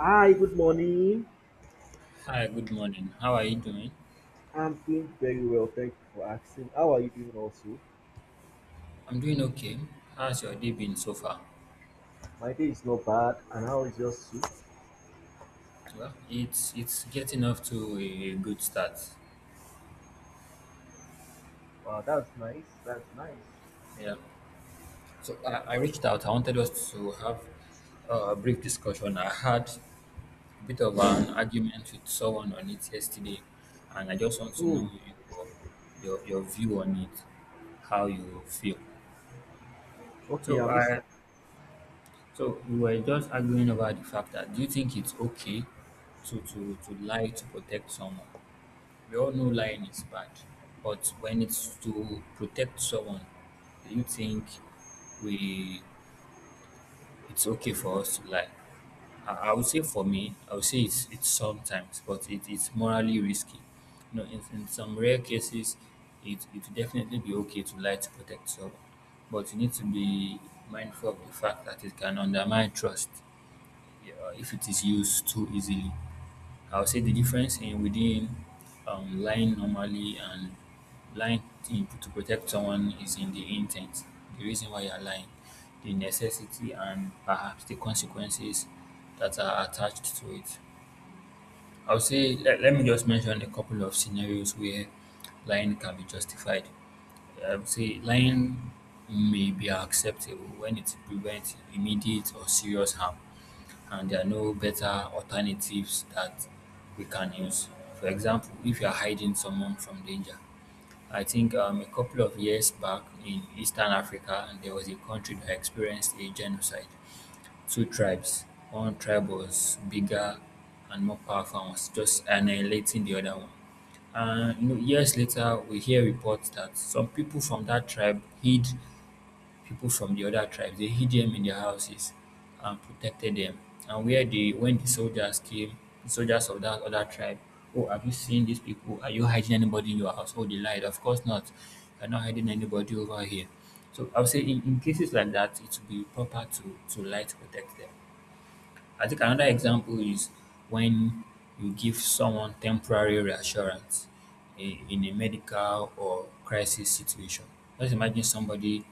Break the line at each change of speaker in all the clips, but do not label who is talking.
Hi, good morning.
Hi, good morning. How are you doing?
I'm doing very well. Thank you for asking. How are you doing also?
I'm doing okay. How's your day been so far?
My day is not bad. And how is yours too?
Well, it's getting off to a good start.
Wow, that's nice. That's nice.
Yeah. So I reached out. I wanted us to have a brief discussion. I had a bit of an argument with someone on it yesterday, and I just want to
Hmm.
know your your view on it, how you feel.
Okay,
So
I'm
I
listening.
so we were just arguing about the fact that, do you think it's okay to lie to protect someone? We all know lying is bad, but when it's to protect someone, do you think we it's okay for us to lie? I would say for me, I would say it's sometimes, but it's morally risky. In some rare cases, it would definitely be okay to lie to protect someone, but you need to be mindful of the fact that it can undermine trust. Yeah, if it is used too easily. I will say the difference in within lying normally and lying to protect someone is in the intent, the reason why you're lying, the necessity, and perhaps the consequences that are attached to it. I will say, let me just mention a couple of scenarios where lying can be justified. I would say lying may be acceptable when it prevents immediate or serious harm and there are no better alternatives that we can use. For example, if you are hiding someone from danger, I think a couple of years back in Eastern Africa, there was a country that experienced a genocide. Two tribes. One tribe was bigger and more powerful and was just annihilating the other one. And years later, we hear reports that some people from that tribe hid people from the other tribes. They hid them in their houses and protected them. And when the soldiers came, the soldiers of that other tribe, oh, have you seen these people? Are you hiding anybody in your house? Oh, they lied. Of course not. You're not hiding anybody over here. So I would say in cases like that, it would be proper to lie to protect them. I think another example is when you give someone temporary reassurance in a medical or crisis situation. Just imagine somebody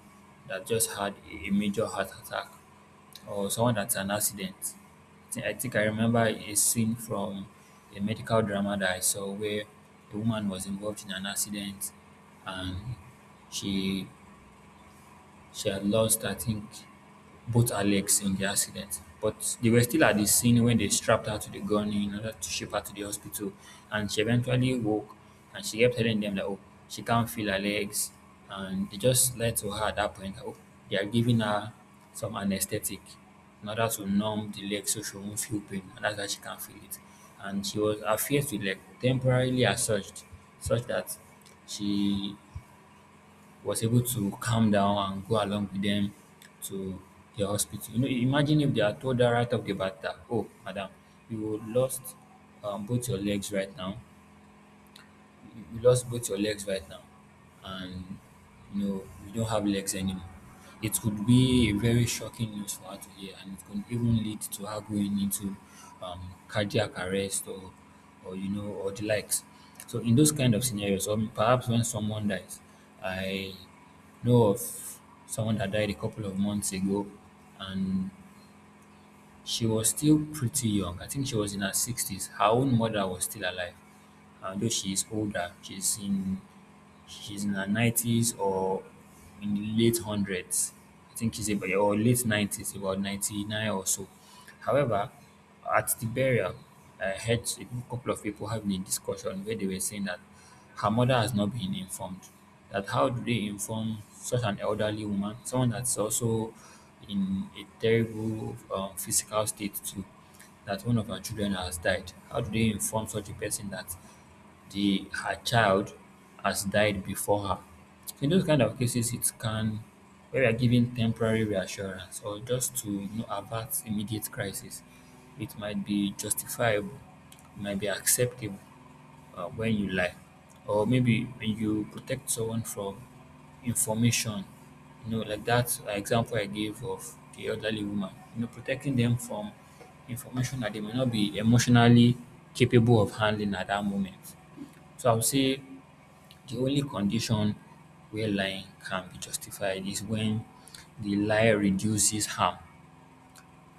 that just had a major heart attack or someone that's an accident. I think I remember a scene from a medical drama that I saw where a woman was involved in an accident, and she she had lost, I think, both her legs in the accident. But they were still at the scene when they strapped her to the gun in order to ship her to the hospital. And she eventually woke, and she kept telling them that, oh, she can't feel her legs. And they just lied to her at that point. Oh, they are giving her some anesthetic in order to numb the leg so she won't feel pain. And that's why she can't feel it. And her fears were like temporarily assuaged such that she was able to calm down and go along with them to the hospital. Imagine if they are told her right off the bat that, oh, madam, you lost both your legs right now. You lost both your legs right now, and you know you don't have legs anymore. It could be a very shocking news for her to hear, and it could even lead to her going into cardiac arrest or you know or the likes. So in those kind of scenarios, or perhaps when someone dies, I know of someone that died a couple of months ago. And she was still pretty young. I think she was in her 60s. Her own mother was still alive. And though she is older, she's in her 90s or in the late 100s. I think she's about or late 90s, about 99 or so. However, at the burial, I heard a couple of people having a discussion where they were saying that her mother has not been informed. That How do they inform such an elderly woman, someone that's also in a terrible physical state too, that one of her children has died? How do they inform such a person that the her child has died before her? So in those kind of cases, it can where we are giving temporary reassurance or just to avert immediate crisis, it might be justifiable, it might be acceptable when you lie, or maybe when you protect someone from information. Like that example I gave of the elderly woman. Protecting them from information that they may not be emotionally capable of handling at that moment. So I would say the only condition where lying can be justified is when the lie reduces harm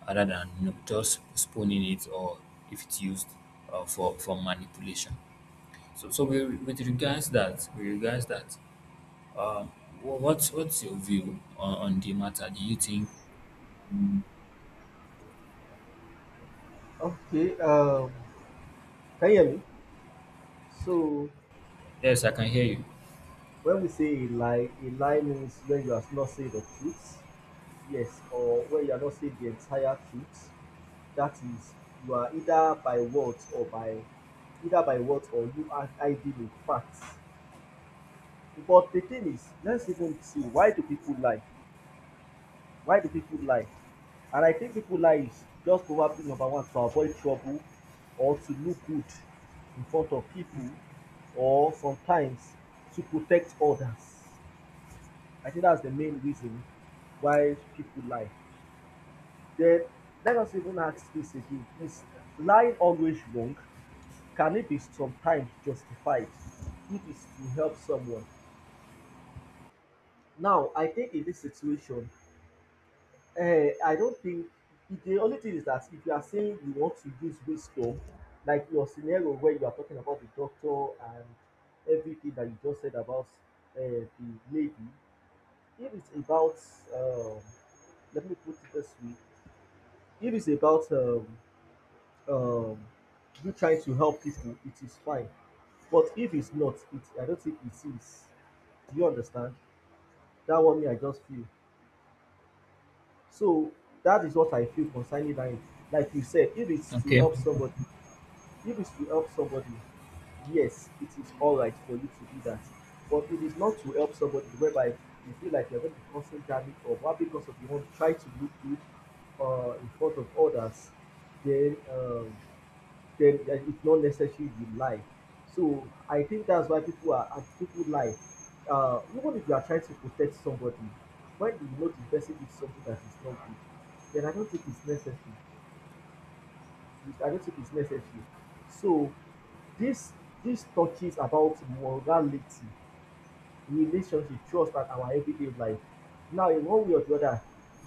rather than just postponing it, or if it's used for manipulation. So, with regards that, um, what's your view on the matter? Do you think?
Okay, can you hear me? So,
Yes, I can hear you.
when we say a lie means when you are not saying the truth. Yes, or when you are not saying the entire truth. That is, you are either by words or by either by words or you are hiding in facts. But the thing is, let's even see, why do people lie? Why do people lie? And I think people lie is just probably number one to avoid trouble, or to look good in front of people, or sometimes to protect others. I think that's the main reason why people lie. Then let us even ask this again. Is lying always wrong? Can it be sometimes justified if it's to help someone? Now I think in this situation, I don't think the only thing is that if you are saying you want to use wisdom, like your scenario where you are talking about the doctor and everything that you just said about uh, the lady, if it's about, um, let me put it this way, if it's about um, you trying to help people, it is fine. But if it's not, I don't think it is. Do you understand? That one me, I just feel. So that is what I feel concerning lying. Like you said, if it's to
Okay,
help somebody, if it's to help somebody, yes, it is all right for you to do that. But it is not to help somebody whereby you feel like you're going to be causing damage or what because of you want to try to look good in front of others, then um, then that it's not necessary you lie. So I think that's why people are and people lie. Even if you are trying to protect somebody, when you know the person did something that is not good, then I don't think it's necessary. I don't think it's necessary. So this this touches about morality, relationship, trust, and our everyday life. Now, in one way or the other,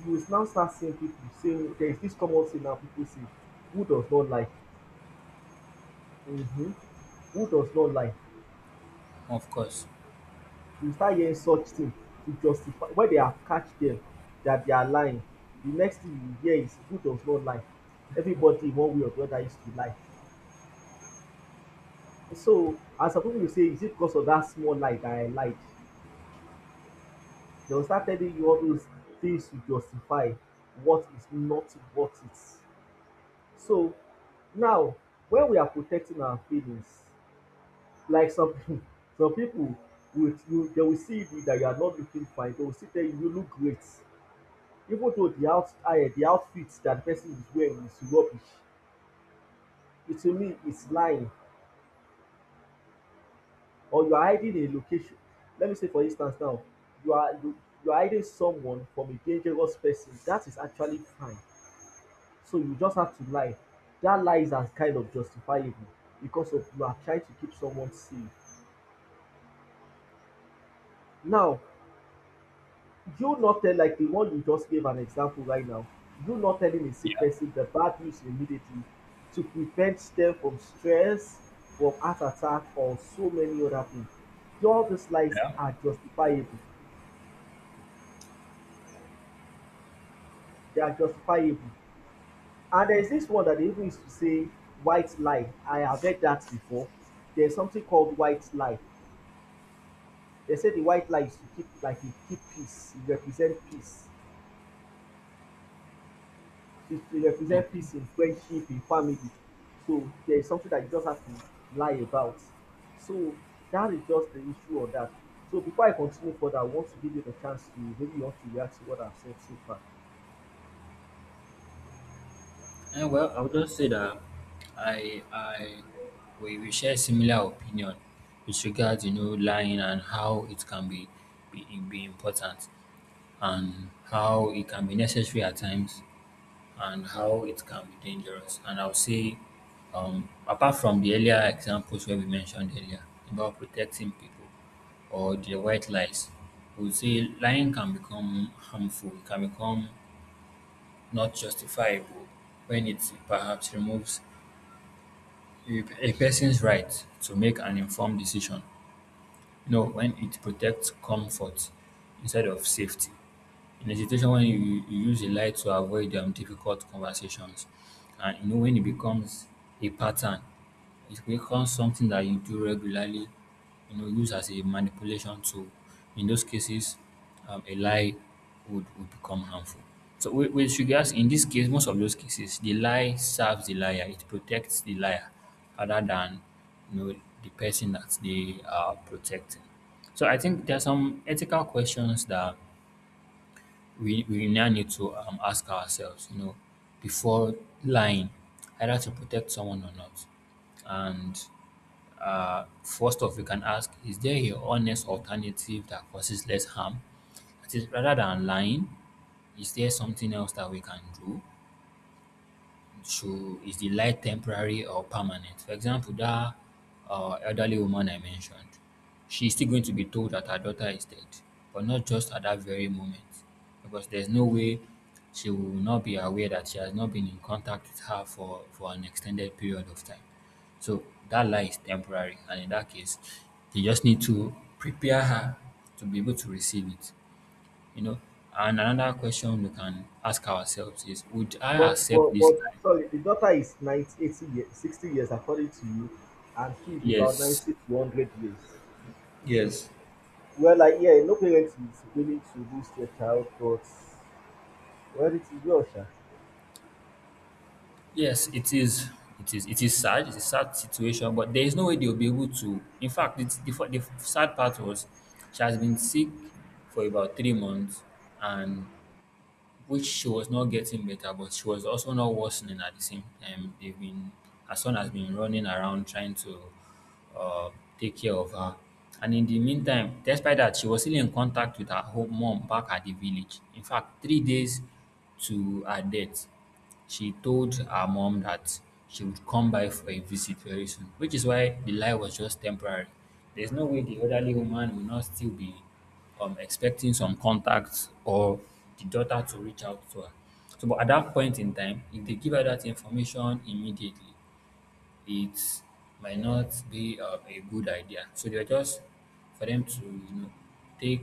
you will now start seeing people saying, there is this common thing now people say, who does not lie? Hmm. Who does not lie?
of course.
You start hearing such thing to justify when they are catch them that they are lying. The next thing you hear is, who does not lie? Everybody in one way or the other used to lie. So, and some people will say, is it because of that small lie that I lied? They will start telling you all those things to justify what is not worth it is. So now when we are protecting our feelings, like some some people will you they will see you that you are not looking fine, they will still tell you, you look great, even though the outfit that the person is wearing is rubbish. It to me is lying. Or you are hiding a location. Let me say, for instance now, you are you, you are hiding someone from a dangerous person, that is actually fine. So you just have to lie. That lie is as kind of justifiable because of you are trying to keep someone safe. Now, you not tell, like the one you just gave an example right now, you not telling a sick
Yeah,
person the bad news immediately to prevent them from stress, from heart attack or so many other things. All these lies
yeah.
are justifiable. They are justifiable. And there is this one that they even used to say, white lie. I have heard that before. There's something called white lie. They say the white lie is to keep, like, e keep peace, e represent peace, to represent
Okay.
peace in friendship, in family. So there is something that you just have to lie about. So that is just the issue on that. So before I continue further, I want to give you the chance to maybe you want to react to what I've said so far.
Well, I would just say that I we share similar opinion with regards, lying and how it can be important, and how it can be necessary at times, and how it can be dangerous. And I'll say, apart from the earlier examples where we mentioned earlier about protecting people or the white lies, we would say lying can become harmful. It can become not justifiable when it perhaps removes a person's right to make an informed decision. When it protects comfort instead of safety in a situation, when you use a lie to avoid difficult conversations, and when it becomes a pattern, it becomes something that you do regularly, use as a manipulation tool. In those cases, a lie would become harmful. So with regards, in this case, most of those cases, the lie serves the liar. It protects the liar rather than you know the person that they are protecting. So I think there are some ethical questions that we now need to ask ourselves, before lying, either to protect someone or not. And first off, we can ask, is there a honest alternative that causes less harm? That is, rather than lying, is there something else that we can do? Should Is the light temporary or permanent? For example, that elderly woman I mentioned, she's still going to be told that her daughter is dead, but not just at that very moment, because there's no way she will not be aware that she has not been in contact with her for an extended period of time. So that lie is temporary, and in that case, they just need to prepare her to be able to receive it. You know, and another question we can ask ourselves is: would I
but
accept
but
this
but
lie?
sorry, the daughter is ninety eighty years 60 years according to you, and she is about
Yes.
90 to 100 years.
Yes.
Well, like, yeah, no parent is willing to lose their child, but, well, it is well sha.
Yes, it is. It is. It is sad. It's a sad situation, but there is no way they'll be able to. In fact, the sad part was she has been sick for about 3 months, and which she was not getting better, but she was also not worsening at the same time. Her son has been running around trying to uh, take care of her. And in the meantime, despite that, she was still in contact with her home mom back at the village. In fact, 3 days to her death, she told her mom that she would come by for a visit very soon, which is why the lie was just temporary. There's no way the elderly woman will not still be expecting some contact or the daughter to reach out to her. So, but at that point in time, if they give her that information immediately, it might not be a good idea. So they're just for them to take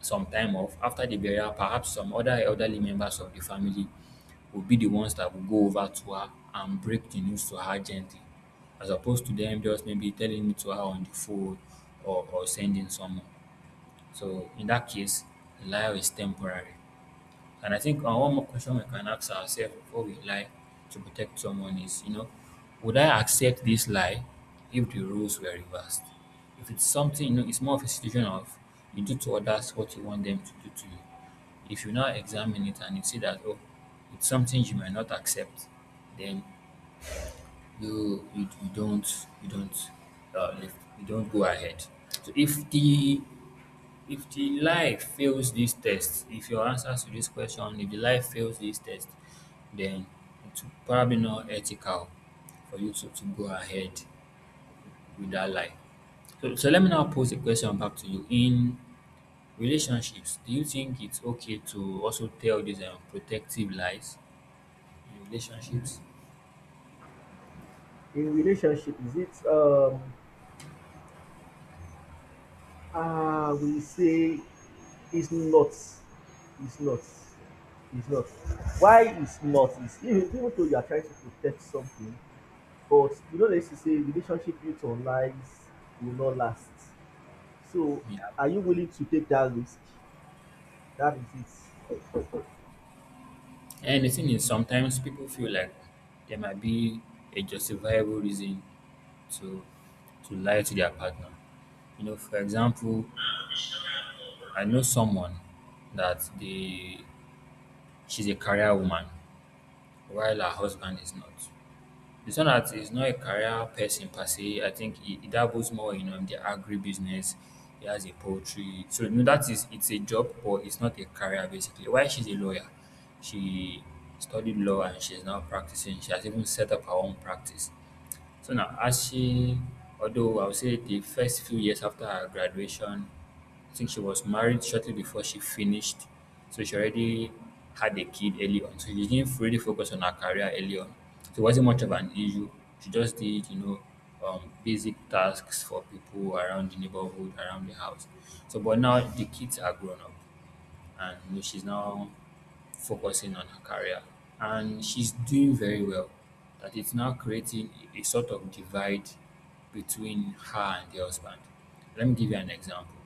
some time off after the burial. Perhaps some other elderly members of the family will be the ones that will go over to her and break the news to her gently, as opposed to them just maybe telling it to her on the phone, or sending someone. So in that case, lie is temporary. And I think one more question we can ask ourselves before we lie to protect someone is, would I accept this lie if the rules were reversed? If it's something, it's more of a situation of, you do to others what you want them to do to you. If you now examine it and you see that, oh, it's something you may not accept, then you don't uh, live, you don't go ahead. So if the life fails this test, if your answers to this question, if the life fails this test, then it's probably not ethical for you to go ahead with that life. So let me now pose a question back to you. In relationships, do you think it's okay to also tell these protective lies in relationships?
In relationship, is it ah we say, it's not. It's not. It's not. Why it's not is, even though you are trying to protect something, but you know they used to say relationship built on lies will not last. So,
Yeah.
are you willing to take that risk? That is it.
And the thing is, sometimes people feel like there might be a justifiable reason to to lie to their partner. You know, for example, I know someone that the she's a career woman while her husband is not. It's not that he's not a career person per se. I think he dabbles more in the agribusiness. He has a poultry. So no, that is it's a job, but it's not a career basically. Why she's a lawyer, she studied law and she's now practicing. She has even set up her own practice. So now, as she, although I would say the first few years after her graduation, I think she was married shortly before she finished. So she already had a kid early on. So she didn't really focus on her career early on. So it wasn't much of an issue. She just did, you know, basic tasks for people around the neighborhood, around the house. So, but now the kids are grown up and you know, she's now focusing on her career. And she's doing very well. That it's now creating a sort of divide between her and the husband. Let me give you an example.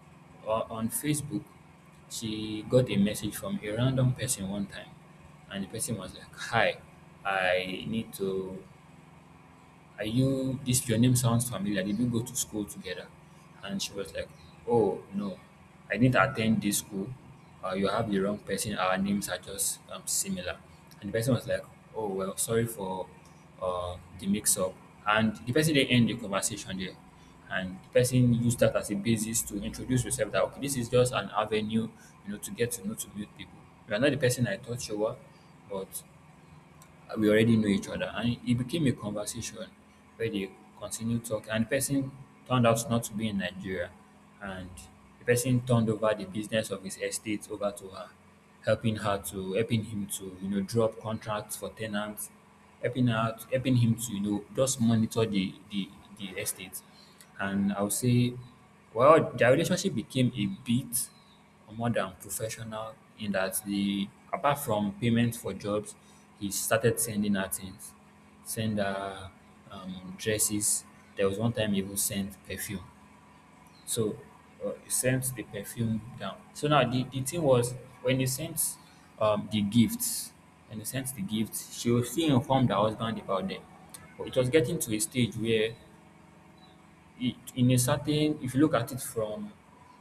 On Facebook, she got a message from a random person one time, and the person was like, "Hi, I need to are you this your name sounds familiar, did we go to school together?" And she was like, "Oh no, I didn't attend this school. You have the wrong person, our names are just similar." And the person was like, "Oh well, sorry for the mix-up." And the person didn't end the conversation there, and the person used that as a basis to introduce yourself, that okay, this is just an avenue, you know, to get to know to meet people. You are not the person I thought you were, but we already know each other. And it became a conversation where they continued talking. And the person turned out not to be in Nigeria. And the person turned over the business of his estate over to her, helping her to helping him to, you know, drop contracts for tenants, helping her helping him to, you know, just monitor the estate. And I would say well, their relationship became a bit more than professional in that the apart from payment for jobs, he started sending her things, send her dresses. There was one time he even sent perfume. So he sent the perfume down. So now the thing was when he sent the gifts, when he sent the gifts, she was still informed her husband about them. But it was getting to a stage where in a certain if you look at it from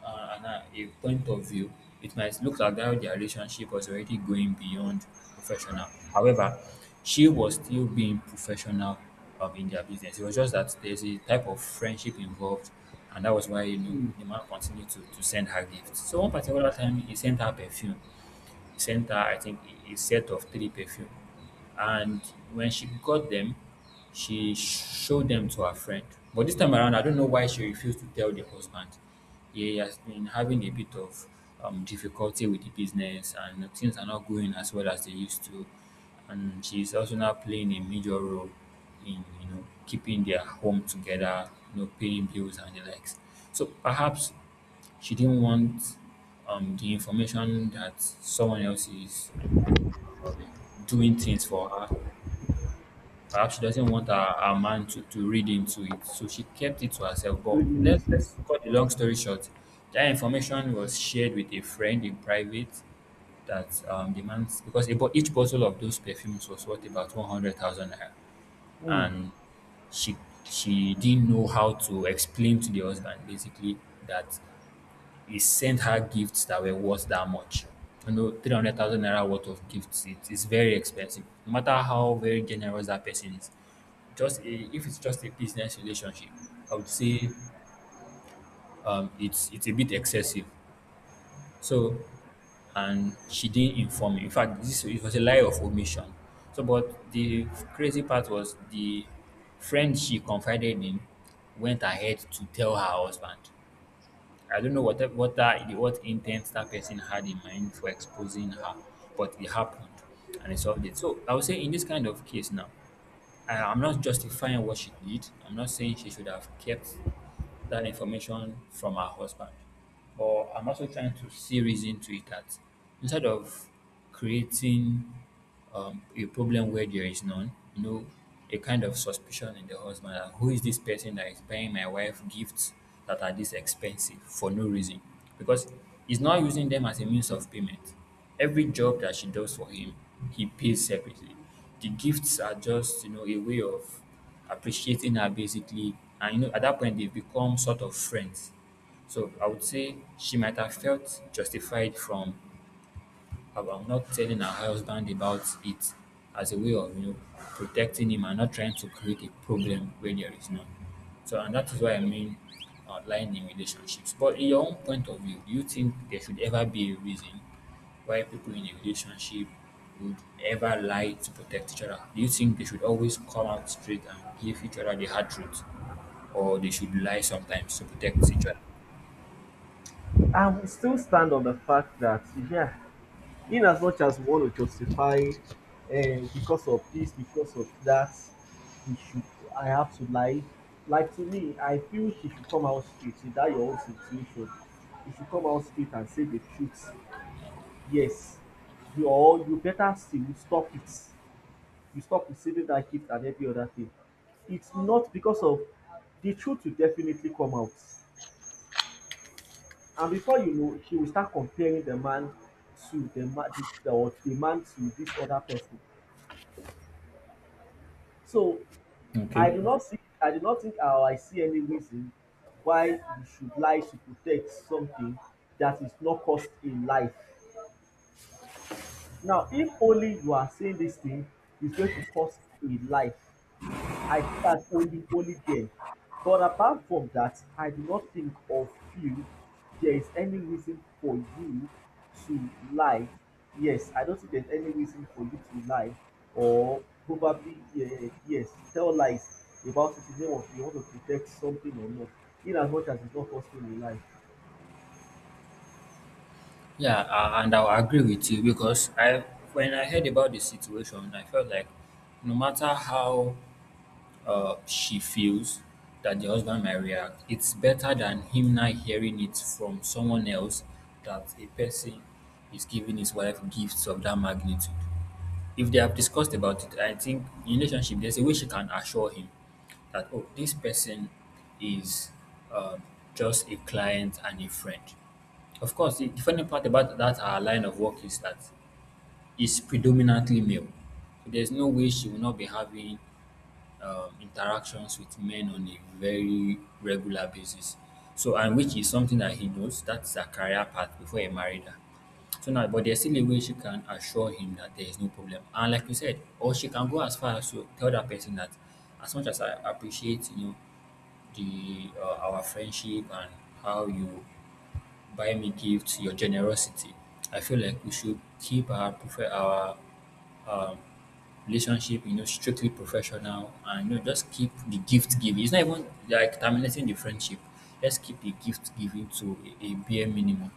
a point of view it might look like that their relationship was already going beyond professional. However, she was still being professional in their business, it was just that there's a type of friendship involved, and that was why you know
Hmm,
the man continued to send her gifts. So one particular time he sent her perfume, sent her, I think, a set of three perfume. And when she got them, she showed them to her friend. But this time around, I don't know why she refused to tell the husband. He has been having a bit of difficulty with the business, and things are not going as well as they used to. And she's also now playing a major role in you know keeping their home together, you know, paying bills and the likes. So perhaps she didn't want the information that someone else is um, doing things for her. Perhaps she doesn't want her man to read into it. So she kept it to herself. But
three minutes late.
let's cut the long story short. That information was shared with a friend in private that the man because about each bottle of those perfumes was worth about 100,000 naira.
Mm.
And she she didn't know how to explain to the husband basically that he sent her gifts that were worth that much. You know, 300,000 naira worth of gifts, it is very expensive. No matter how very generous that person is, just a, if it's just a business relationship, I would say it's a bit excessive. So, and she didn't inform me. In fact, this it was a lie of omission. So, but the crazy part was the friend she confided in went ahead to tell her husband. I don't know what that- what that what intent that person had in mind for exposing her, but it happened and they solved it. So I would say in this kind of case now, I'm not justifying what she did. I'm not saying she should have kept that information from her husband. But I'm also trying to see reason to it that instead of creating a problem where there is none, you know, a kind of suspicion in the husband that who is this person that is buying my wife gifts that are this expensive for no reason? Because he's not using them as a means of payment. Every job that she does for him, he pays separately. The gifts are just, you know, a way of appreciating her basically. And, you know, at that point, they become sort of friends. So I would say she might have felt justified from I'm not telling her husband about it as a way of you know protecting him and not trying to create a problem where there is none. So and that is what I mean outline in relationships. But in your own point of view, do you think there should ever be a reason why people in a relationship would ever lie to protect each other? Do you think they should always come out straight and give each other the hard truth? Or they should lie sometimes to protect each other?
I will still stand on the fact that, yeah, in as much as we want to justify, because of this, because of that, we should I have to lie. Like to me, I feel she should come out straight. Is that your own situation? You should come out straight and say the truth. Yes, you, or you better still, you stop it. You stop receiving that gift and every other thing. It's not because of, the truth will definitely come out. And before you know, she will start comparing the man to the man, or the man to this other person. So
Okay.
I do not think, or I see any reason why you should lie to protect something that is not cost a life. Now if only you are saying this thing is going to cost a life, I think that's only there. But apart from that, I do not think or feel there is any reason for you to lie. Yes, I don't think there's any reason for you to lie, or probably, yeah, yes, tell lies about it in the name of you want to protect something or not, in as much as it's not costing you life.
Yeah, and I'll agree with you because when I heard about the situation, I felt like no matter how she feels that the husband might react, it's better than him not hearing it from someone else that a person is giving his wife gifts of that magnitude. If they have discussed about it, I think in relationship there's a way she can assure him that oh, this person is um, just a client and a friend. Of course, the funny part about that our line of work is that is predominantly male. So there's no way she will not be having interactions with men on a very regular basis. So, and which is something that he knows, that's her career path before he married her. So now, but there's still a way she can assure him that there is no problem. And like you said, or she can go as far as to tell that person that as much as I appreciate, you know, the our friendship and how you buy me gifts, your generosity. I feel like we should keep our um, relationship, you know, strictly professional, and you know, just keep the gift giving. It's not even like terminating the friendship. Let's keep the gift giving to a bare minimum.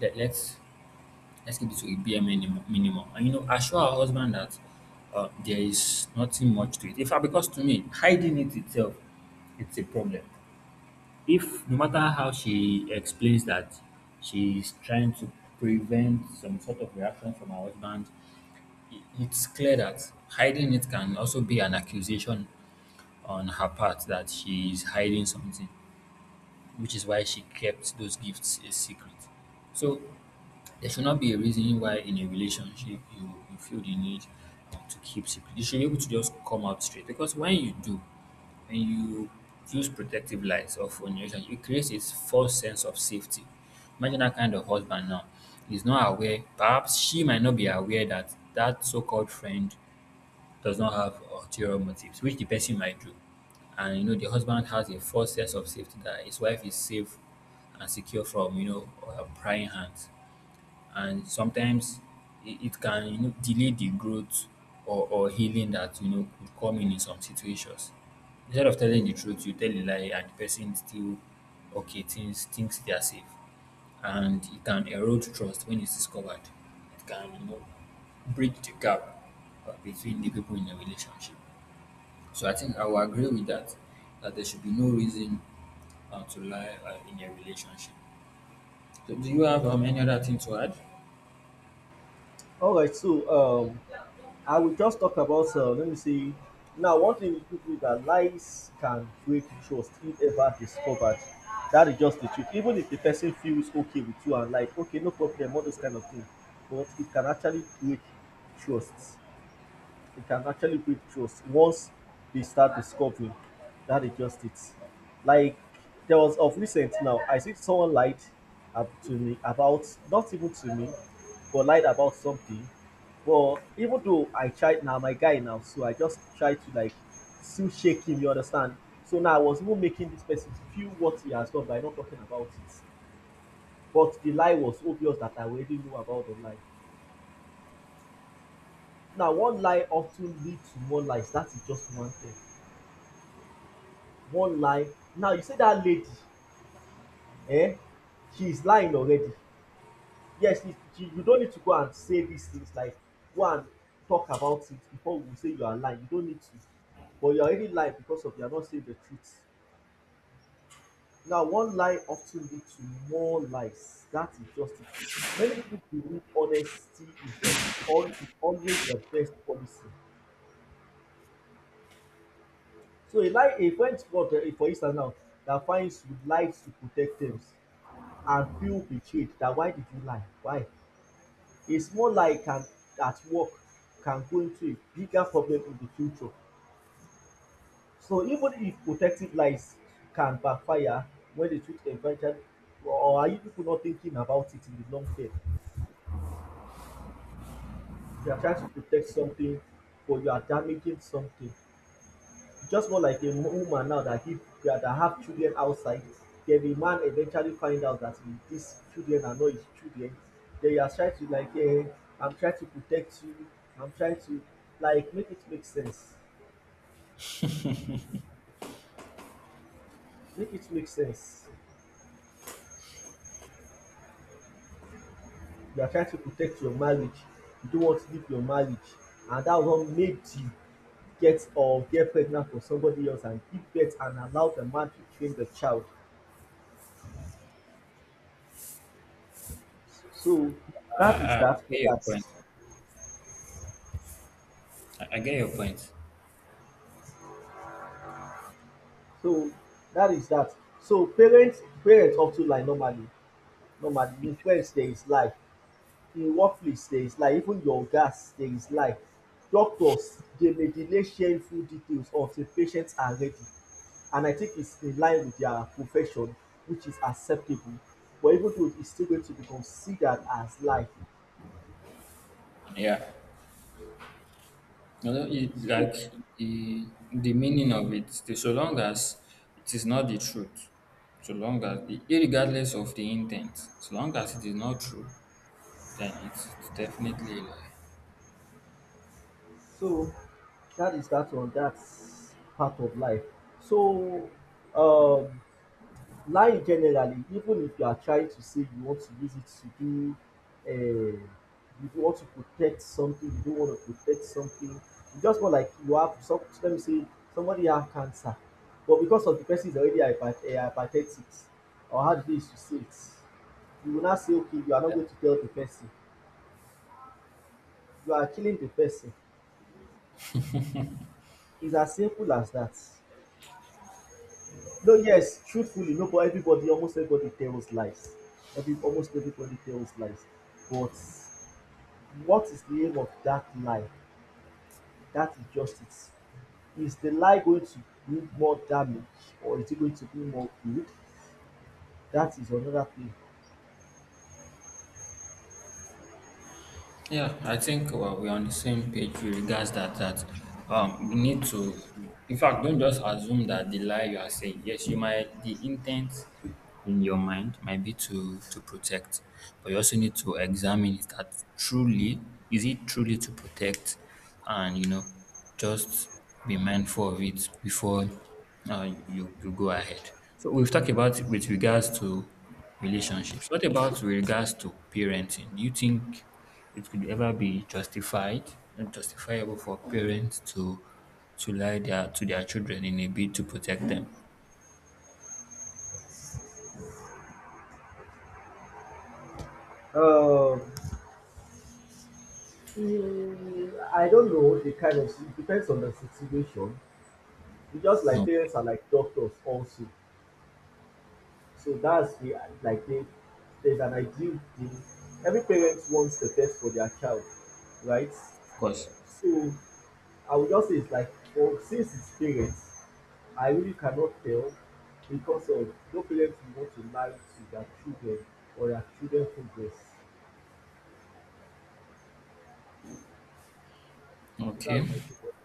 Let, let's let's keep it to a bare minimum, minimum, and you know, assure our husband that there is nothing much to it. In fact, because to me, hiding it itself, it's a problem if no matter how she explains that she's trying to prevent some sort of reaction from her husband, it's clear that hiding it can also be an accusation on her part that she is hiding something, which is why she kept those gifts a secret. So there should not be a reason why in a relationship you feel the need to keep secret. You should be able to just come out straight because when you do, when you use protective lies or formulation, it creates a false sense of safety. Imagine that kind of husband now. He's not aware, perhaps she might not be aware that so called friend does not have ulterior motives, which the person might do. And the husband has a false sense of safety that his wife is safe and secure from, prying hands, and sometimes it can, delay the growth or healing that could come in some situations. Instead of telling the truth, you tell a lie, and the person still okay thinks they are safe, and it can erode trust when it's discovered. It can, bridge the gap between the people in a relationship. So I think I will agree with that. That there should be no reason to lie in a relationship. So do you have any other thing to add?
All right, so um I will just talk about, let me see. Now, one thing with people is that lies can break trust if ever discovered. That is just the truth. Even if the person feels okay with you and like, okay, no problem, all those kind of things, but it can actually break trust. It can actually break trust once they start discovering that. That is just it. Like there was of recent now, I think someone lied to me about, not even to me, but lied about something. But even though I tried now, my guy now, so I just tried to like still shake him. You understand? So now I was even making this person feel what he has done by not talking about it. But the lie was obvious that I already knew about the lie. Now one lie often leads to more lies. That is just one thing. One lie. Now you see dat lady, um she is lying already. Yes, she you no need to go and say dis things, like go and talk about it before we say you are lying, you no need to. But you are already lying because of you are not saying the truth. Now one lie of ten lead to more lies, dat is just it. Many pipu believe honesty is the al always the best policy. So a lie, a friend, for instance now, dat finds you lie to protect things and feel betrayed, that why did you lie? Why? A small lie can at work can go into a bigger problem in the future. So even if protective lies can backfire when the truth eventually, or are you people not thinking about it in the long term? You are trying to protect something, but you are damaging something. Just more like a woman now that give that have children outside, then the man eventually find out that these children are not his children. Then you are trying to like, I'm trying to protect you. I'm trying to like make it make sense. Make it make sense. You are trying to protect your marriage. You don't want to leave your marriage, and that one made you get pregnant for somebody else, and give birth, and allow the man to train the child. So that is
Uh,
that for
your
that.
point. I get your point.
So that is that. So parents of ten lie normally. Normally, in friends there is lie, in workplace there is lie, even your ogas there is lie. Doctors dey may delay shameful details until patients are ready, and I think it's in line with their profession, which is acceptable, but even though it's still going to be considered as lie.
Yeah. You know, it,
So,
like the meaning of it, so long as it is not the truth, so long as, irregardless of the intent, so long as it is not true, then it's definitely a lie.
so that is that on that part of life. So um lying generally, even if you are trying to say you want to use it to do um you do want to protect something, you don't want to protect something, it's just more like you have some, let me say somebody have cancer, but because of the person is already hyper, hypertentic, or how the day is to say it, you go now say okay you are not going to tell the person, you are killing the person. It's as simple as that. No, yes, truthfully, no, but everybody, almost everybody tells lies. Every almost everybody tells lies, but what is the aim of that lie? That injustice. Is the lie going to bring more damage or is it going to bring more good? That is another thing.
Yeah, I think well, we're on the same page with regards that we need to, in fact, don't just assume that the lie you are saying. Yes, you might the intent in your mind might be to protect, but you also need to examine it that truly is it truly to protect, and you know, just be mindful of it before you go ahead. So we've talked about with regards to relationships. What about with regards to parenting? Do you think it could ever be justified and justifiable for parents to lie their to their children in a bid to protect them.
Um, I don't know the kind of, it depends on the situation. It's just
No,
like
of
parents are like doctors also, so that's the, like they, there's an ideal thing. Every parent wants the best for their child, right?
course.
So I would just say it's like, for since it's parents, I really cannot tell because of no parent will want to lie to their children or their children progress. So
Okay.
that's my take on.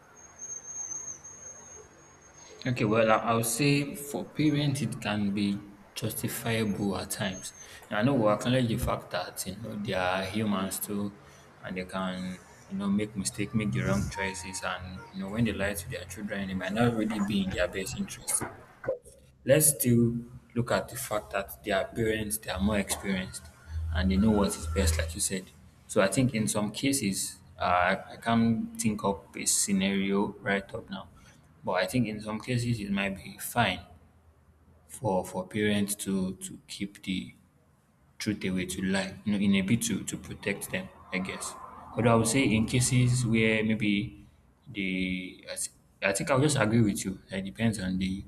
Okay. Well, I would say for parents it can be justifiable at times. And I know we acknowledge the fact that you know they are humans too, and they can, you know, make mistake, make the wrong choices, and you know when they lie to their children, it might not really be in their best interest. Let's still look at the fact that they are parents, they are more experienced, and they know what is best, like you said. So I think in some cases, I can't think up a scenario right up now, but I think in some cases it might be fine for parents to keep the truth away to lie, you know, in a bit to protect them, I guess. Although I would say in cases where maybe the I, thi- I think I'll just agree with you. It depends on the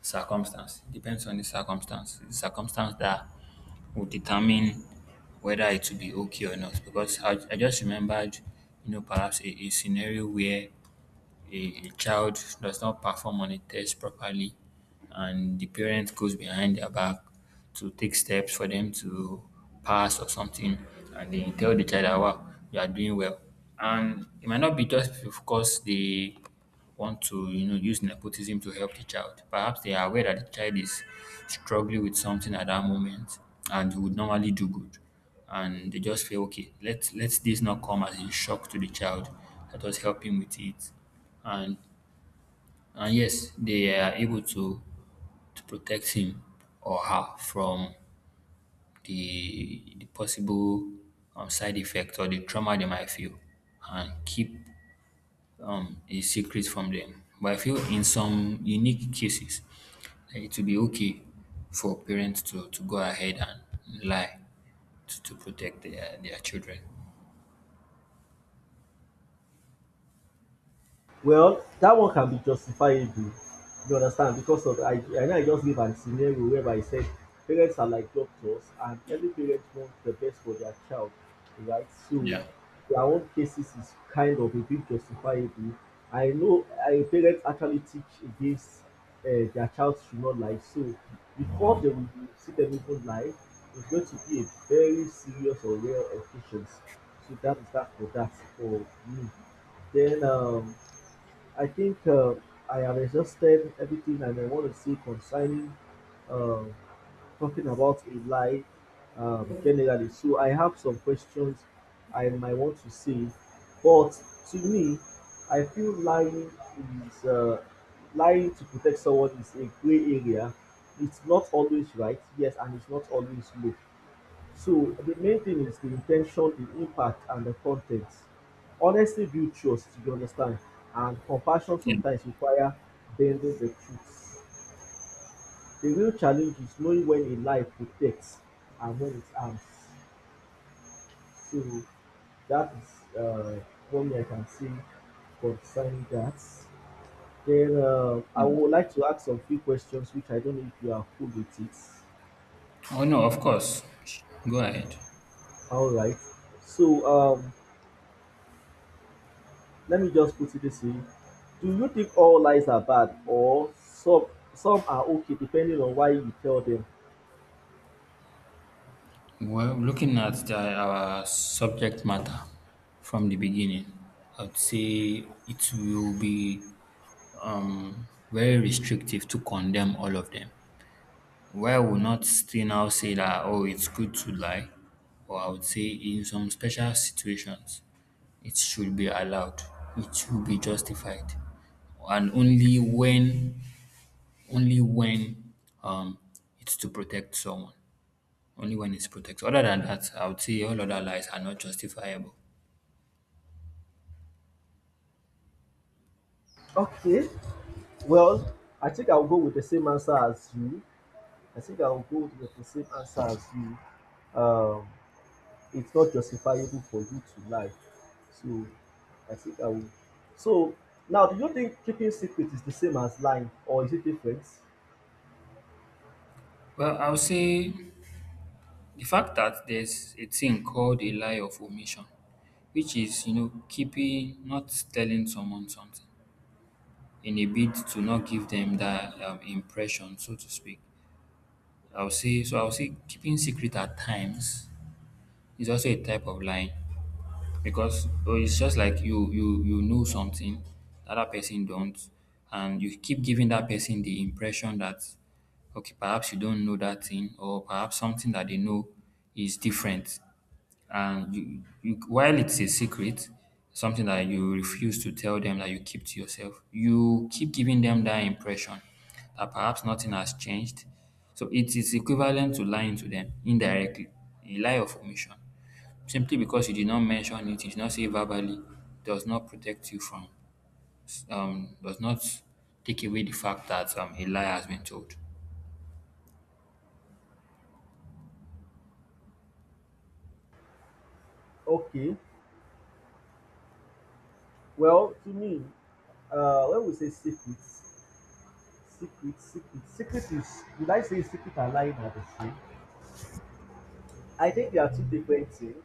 circumstance. It depends on the circumstance. The circumstance that will determine whether it will be okay or not. Because I just remembered, you know, perhaps a scenario where a child does not perform on a test properly, and the parent goes behind their back to take steps for them to pass or something, and they tell the child that wow you are doing well, and it might not be just because they want to, you know, use nepotism to help the child, perhaps they are aware that the child is struggling with something at that moment and would normally do good, and they just feel okay, let let this not come as a shock to the child, let us help him with it. and and yes, they are able to protect him or her from the possible side effect or the trauma they might feel and keep a secret from them. But I feel in some unique cases, eh, it will be okay for parents to go ahead and lie to protect their children.
Well, that one can be justifiable, you understand, because of I know I just gave an scenario whereby I said parents are like doctors, and every parent wants the best for their child, right? So
Yeah.
their own cases is kind of a bit justifiable. I know I parents actually teach against their child should not lie. So before they will see them even lie, it's going to be a very serious or rare occasions. So that is that for that for me. Then I think I have exhausted everything and I want to see concerning uh, talking about a lie generally. So I have some questions I might want to see, but to me, I feel lying is lying to protect someone is a gray area. It's not always right, yes, and it's not always low. So the main thing is the intention, the impact, and the content. Honesty builds trust, you understand, and compassion
Yeah.
sometimes require bending the truth. The real challenge is knowing when a lie protects and when it harms. So that is one thing I can say concerning that. Then I
Yeah.
would like to ask some few questions, which I don't know if you are cool with it.
Oh, no, of course. Go ahead.
All right. So let me just put it this way, do you think all lies are bad, or some are okay depending on why you tell them?
Well, looking at the, our subject matter from the beginning, I'd say it will be very restrictive to condemn all of them. Where will not still now say that, oh, it's good to lie, or I would say in some special situations, it should be allowed, it should be justified, and only when, only when, um, it's to protect someone only when it's protected. Other than that, I would say all other lies are not justifiable.
Okay, well, I think I'll go with the same answer as you. I think I'll go with the same answer as you um it's not justifiable for you to lie. So i think i will so now, do you think keeping secret is the same as lying, or is it different?
Well, I would say the fact that there's a thing called a lie of omission, which is, you know, keeping, not telling someone something in a bid to not give them that impression, so to speak. I would say, so I would say keeping secret at times is also a type of lying. Because oh, it's just like you you know something the other person don't, and you keep giving that person the impression that okay perhaps you don't know that thing, or perhaps something that they know is different. And you while it's a secret, something that you refuse to tell them, that you keep to yourself, you keep giving them that impression that perhaps nothing has changed. So it is equivalent to lying to them indirectly, a lie of omission. Simply because you did not mention it, you did not say verbally, does not protect you from, does not take away the fact that a lie has been told.
Okay, well, to me, when we say secrets, secret, secret. Secret is, would I say secret and lying are the same? I think they are two different things.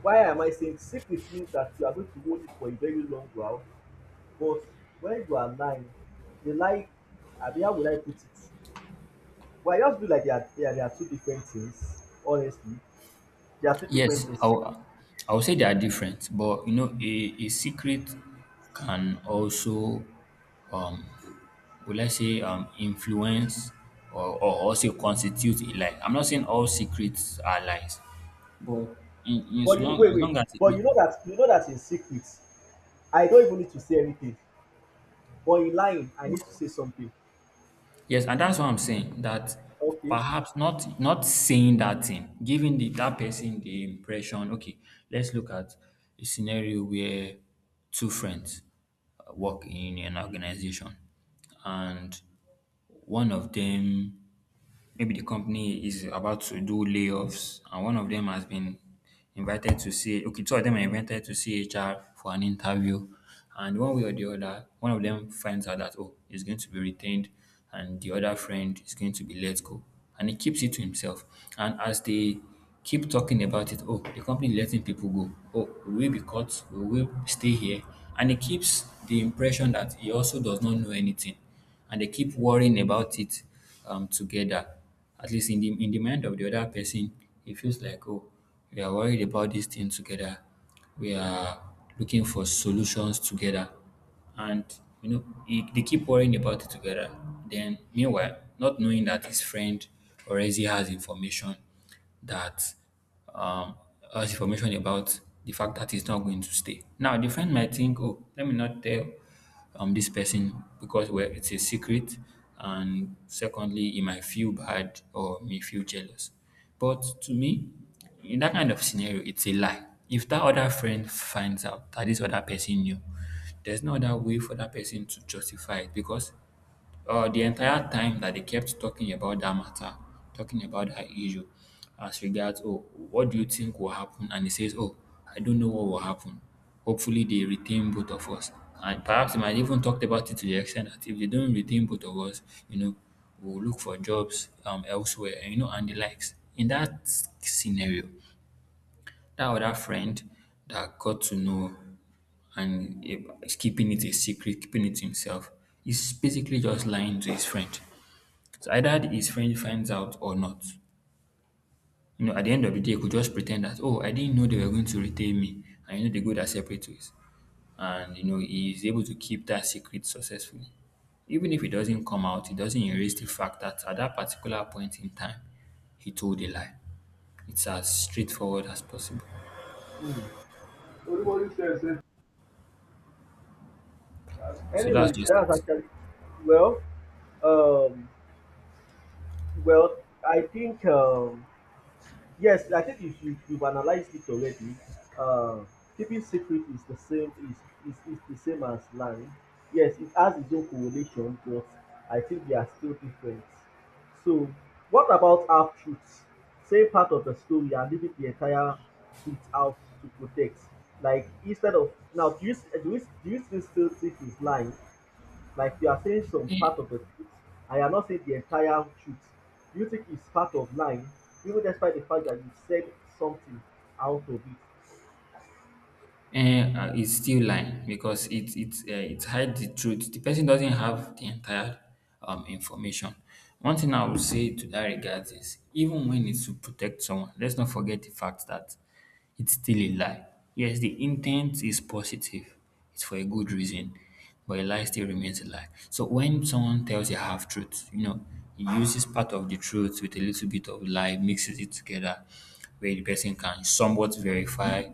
Why am I saying secret means that you are going to hold it for a very long while, but when you are lying, the lie, abi how would I put it? Well, I just feel like they are two different things, honestly. They are two different
Yes,
things.
I will say they are different, but you know, a secret can also, um, will I say, influence or also constitute a lie. I'm not saying all secrets are lies, but in,
But
so
you, wait, wait.
long as
But
it,
you know that in secret, I don't even need to say anything. But in lying, I need to
of
say something.
Yes, and that's what I'm saying. That
Okay.
perhaps not saying that thing, giving the that person the impression. Okay, let's look at a scenario where two friends work in an organization, and one of them Maybe the company is about to do layoffs and one of them has been invited to see okay, two of them are invited to see HR for an interview. And one way or the other, one of them finds out that oh, he's going to be retained and the other friend is going to be let go. And he keeps it to himself. And as they keep talking about it, oh, the company letting people go. Oh, will we be caught? Will we stay here? And he keeps the impression that he also does not know anything, and they keep worrying about it together. At least in the mind of the other person, it feels like oh, we are worried about this thing together. We are looking for solutions together, and you know it, they keep worrying about it together. Then meanwhile, not knowing that his friend already has information that um, has information about the fact that he's not going to stay. Now, the friend might think, oh, let me not tell this person because well it's a secret, and secondly he might feel bad or may feel jealous, but to me in that kind of scenario it's a lie. If that other friend finds out that this other person knew, there's no other way for that person to justify it, because the entire time that they kept talking about that matter, talking about that issue, as regards, oh, what do you think will happen? And he says, oh, I don't know what will happen. Hopefully, they retain both of us. And perhaps he might even talked about it to the extent that if they don't retain both of us, you know, we'll look for jobs elsewhere, you know, and the likes. In that scenario, that other friend that got to know and eh, is keeping it a secret, keeping it himself, is basically just lying to his friend. So either his friend finds out or not. You know, at the end of the day, he could just pretend that, oh, I didn't know they were going to retain me. And you know, they go their separate ways. And, you know, he is able to keep that secret successfully. Even if it doesn't come out, it doesn't erase the fact that at that particular point in time, he told a lie. It's as straightforward as possible.
Hmm. Olúmọ̀rí ṣe ẹ̀ṣẹ̀.
So that's
Anyways, exactly.
just
I
it.
that's actually well. Um, well, I think yes, I think you've analyzed it already. Uh, keeping secret is is the same as lying. Yes, it has its own correlation, but I think they are still different. So, what about half truths? Say part of the story and leaving the entire bit out to protect. Like instead of now, do you still think it's lying? Like you are saying some
Eh,
part of the truth, I am not saying the entire truth, do you think it's part of lying, even despite the fact that you said something out of it?
it's still lying because it hides the truth. The person doesn't have the entire information. One thing I would say to that regard is even when it's to protect someone, let's not forget the fact that it's still a lie. Yes, the intent is positive, it's for a good reason, but a lie still remains a lie. So when someone tells a half truth, you know, he uses part of the truth with a little bit of lie, mixes it together, where the person can somewhat verify,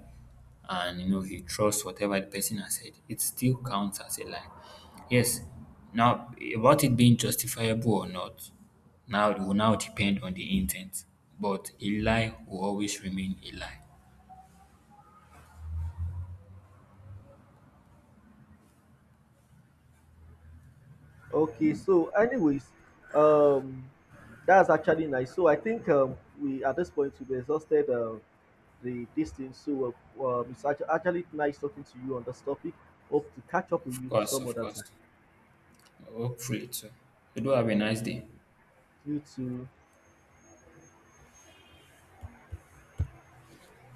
and you know he trusts whatever the person has said, it still counts as a lie. Yes. Now about it being justifiable or not, now it will now depend on the intent. But a lie will always remain a lie.
Okay, so anyways, um that's actually nice. So I think we at this point we've exhausted the distance. So it's actually nice talking to you on this topic. Hope to catch up with
Of
you
course,
some
of
other time.
course. Hopefully too. You do have a nice day.
You too.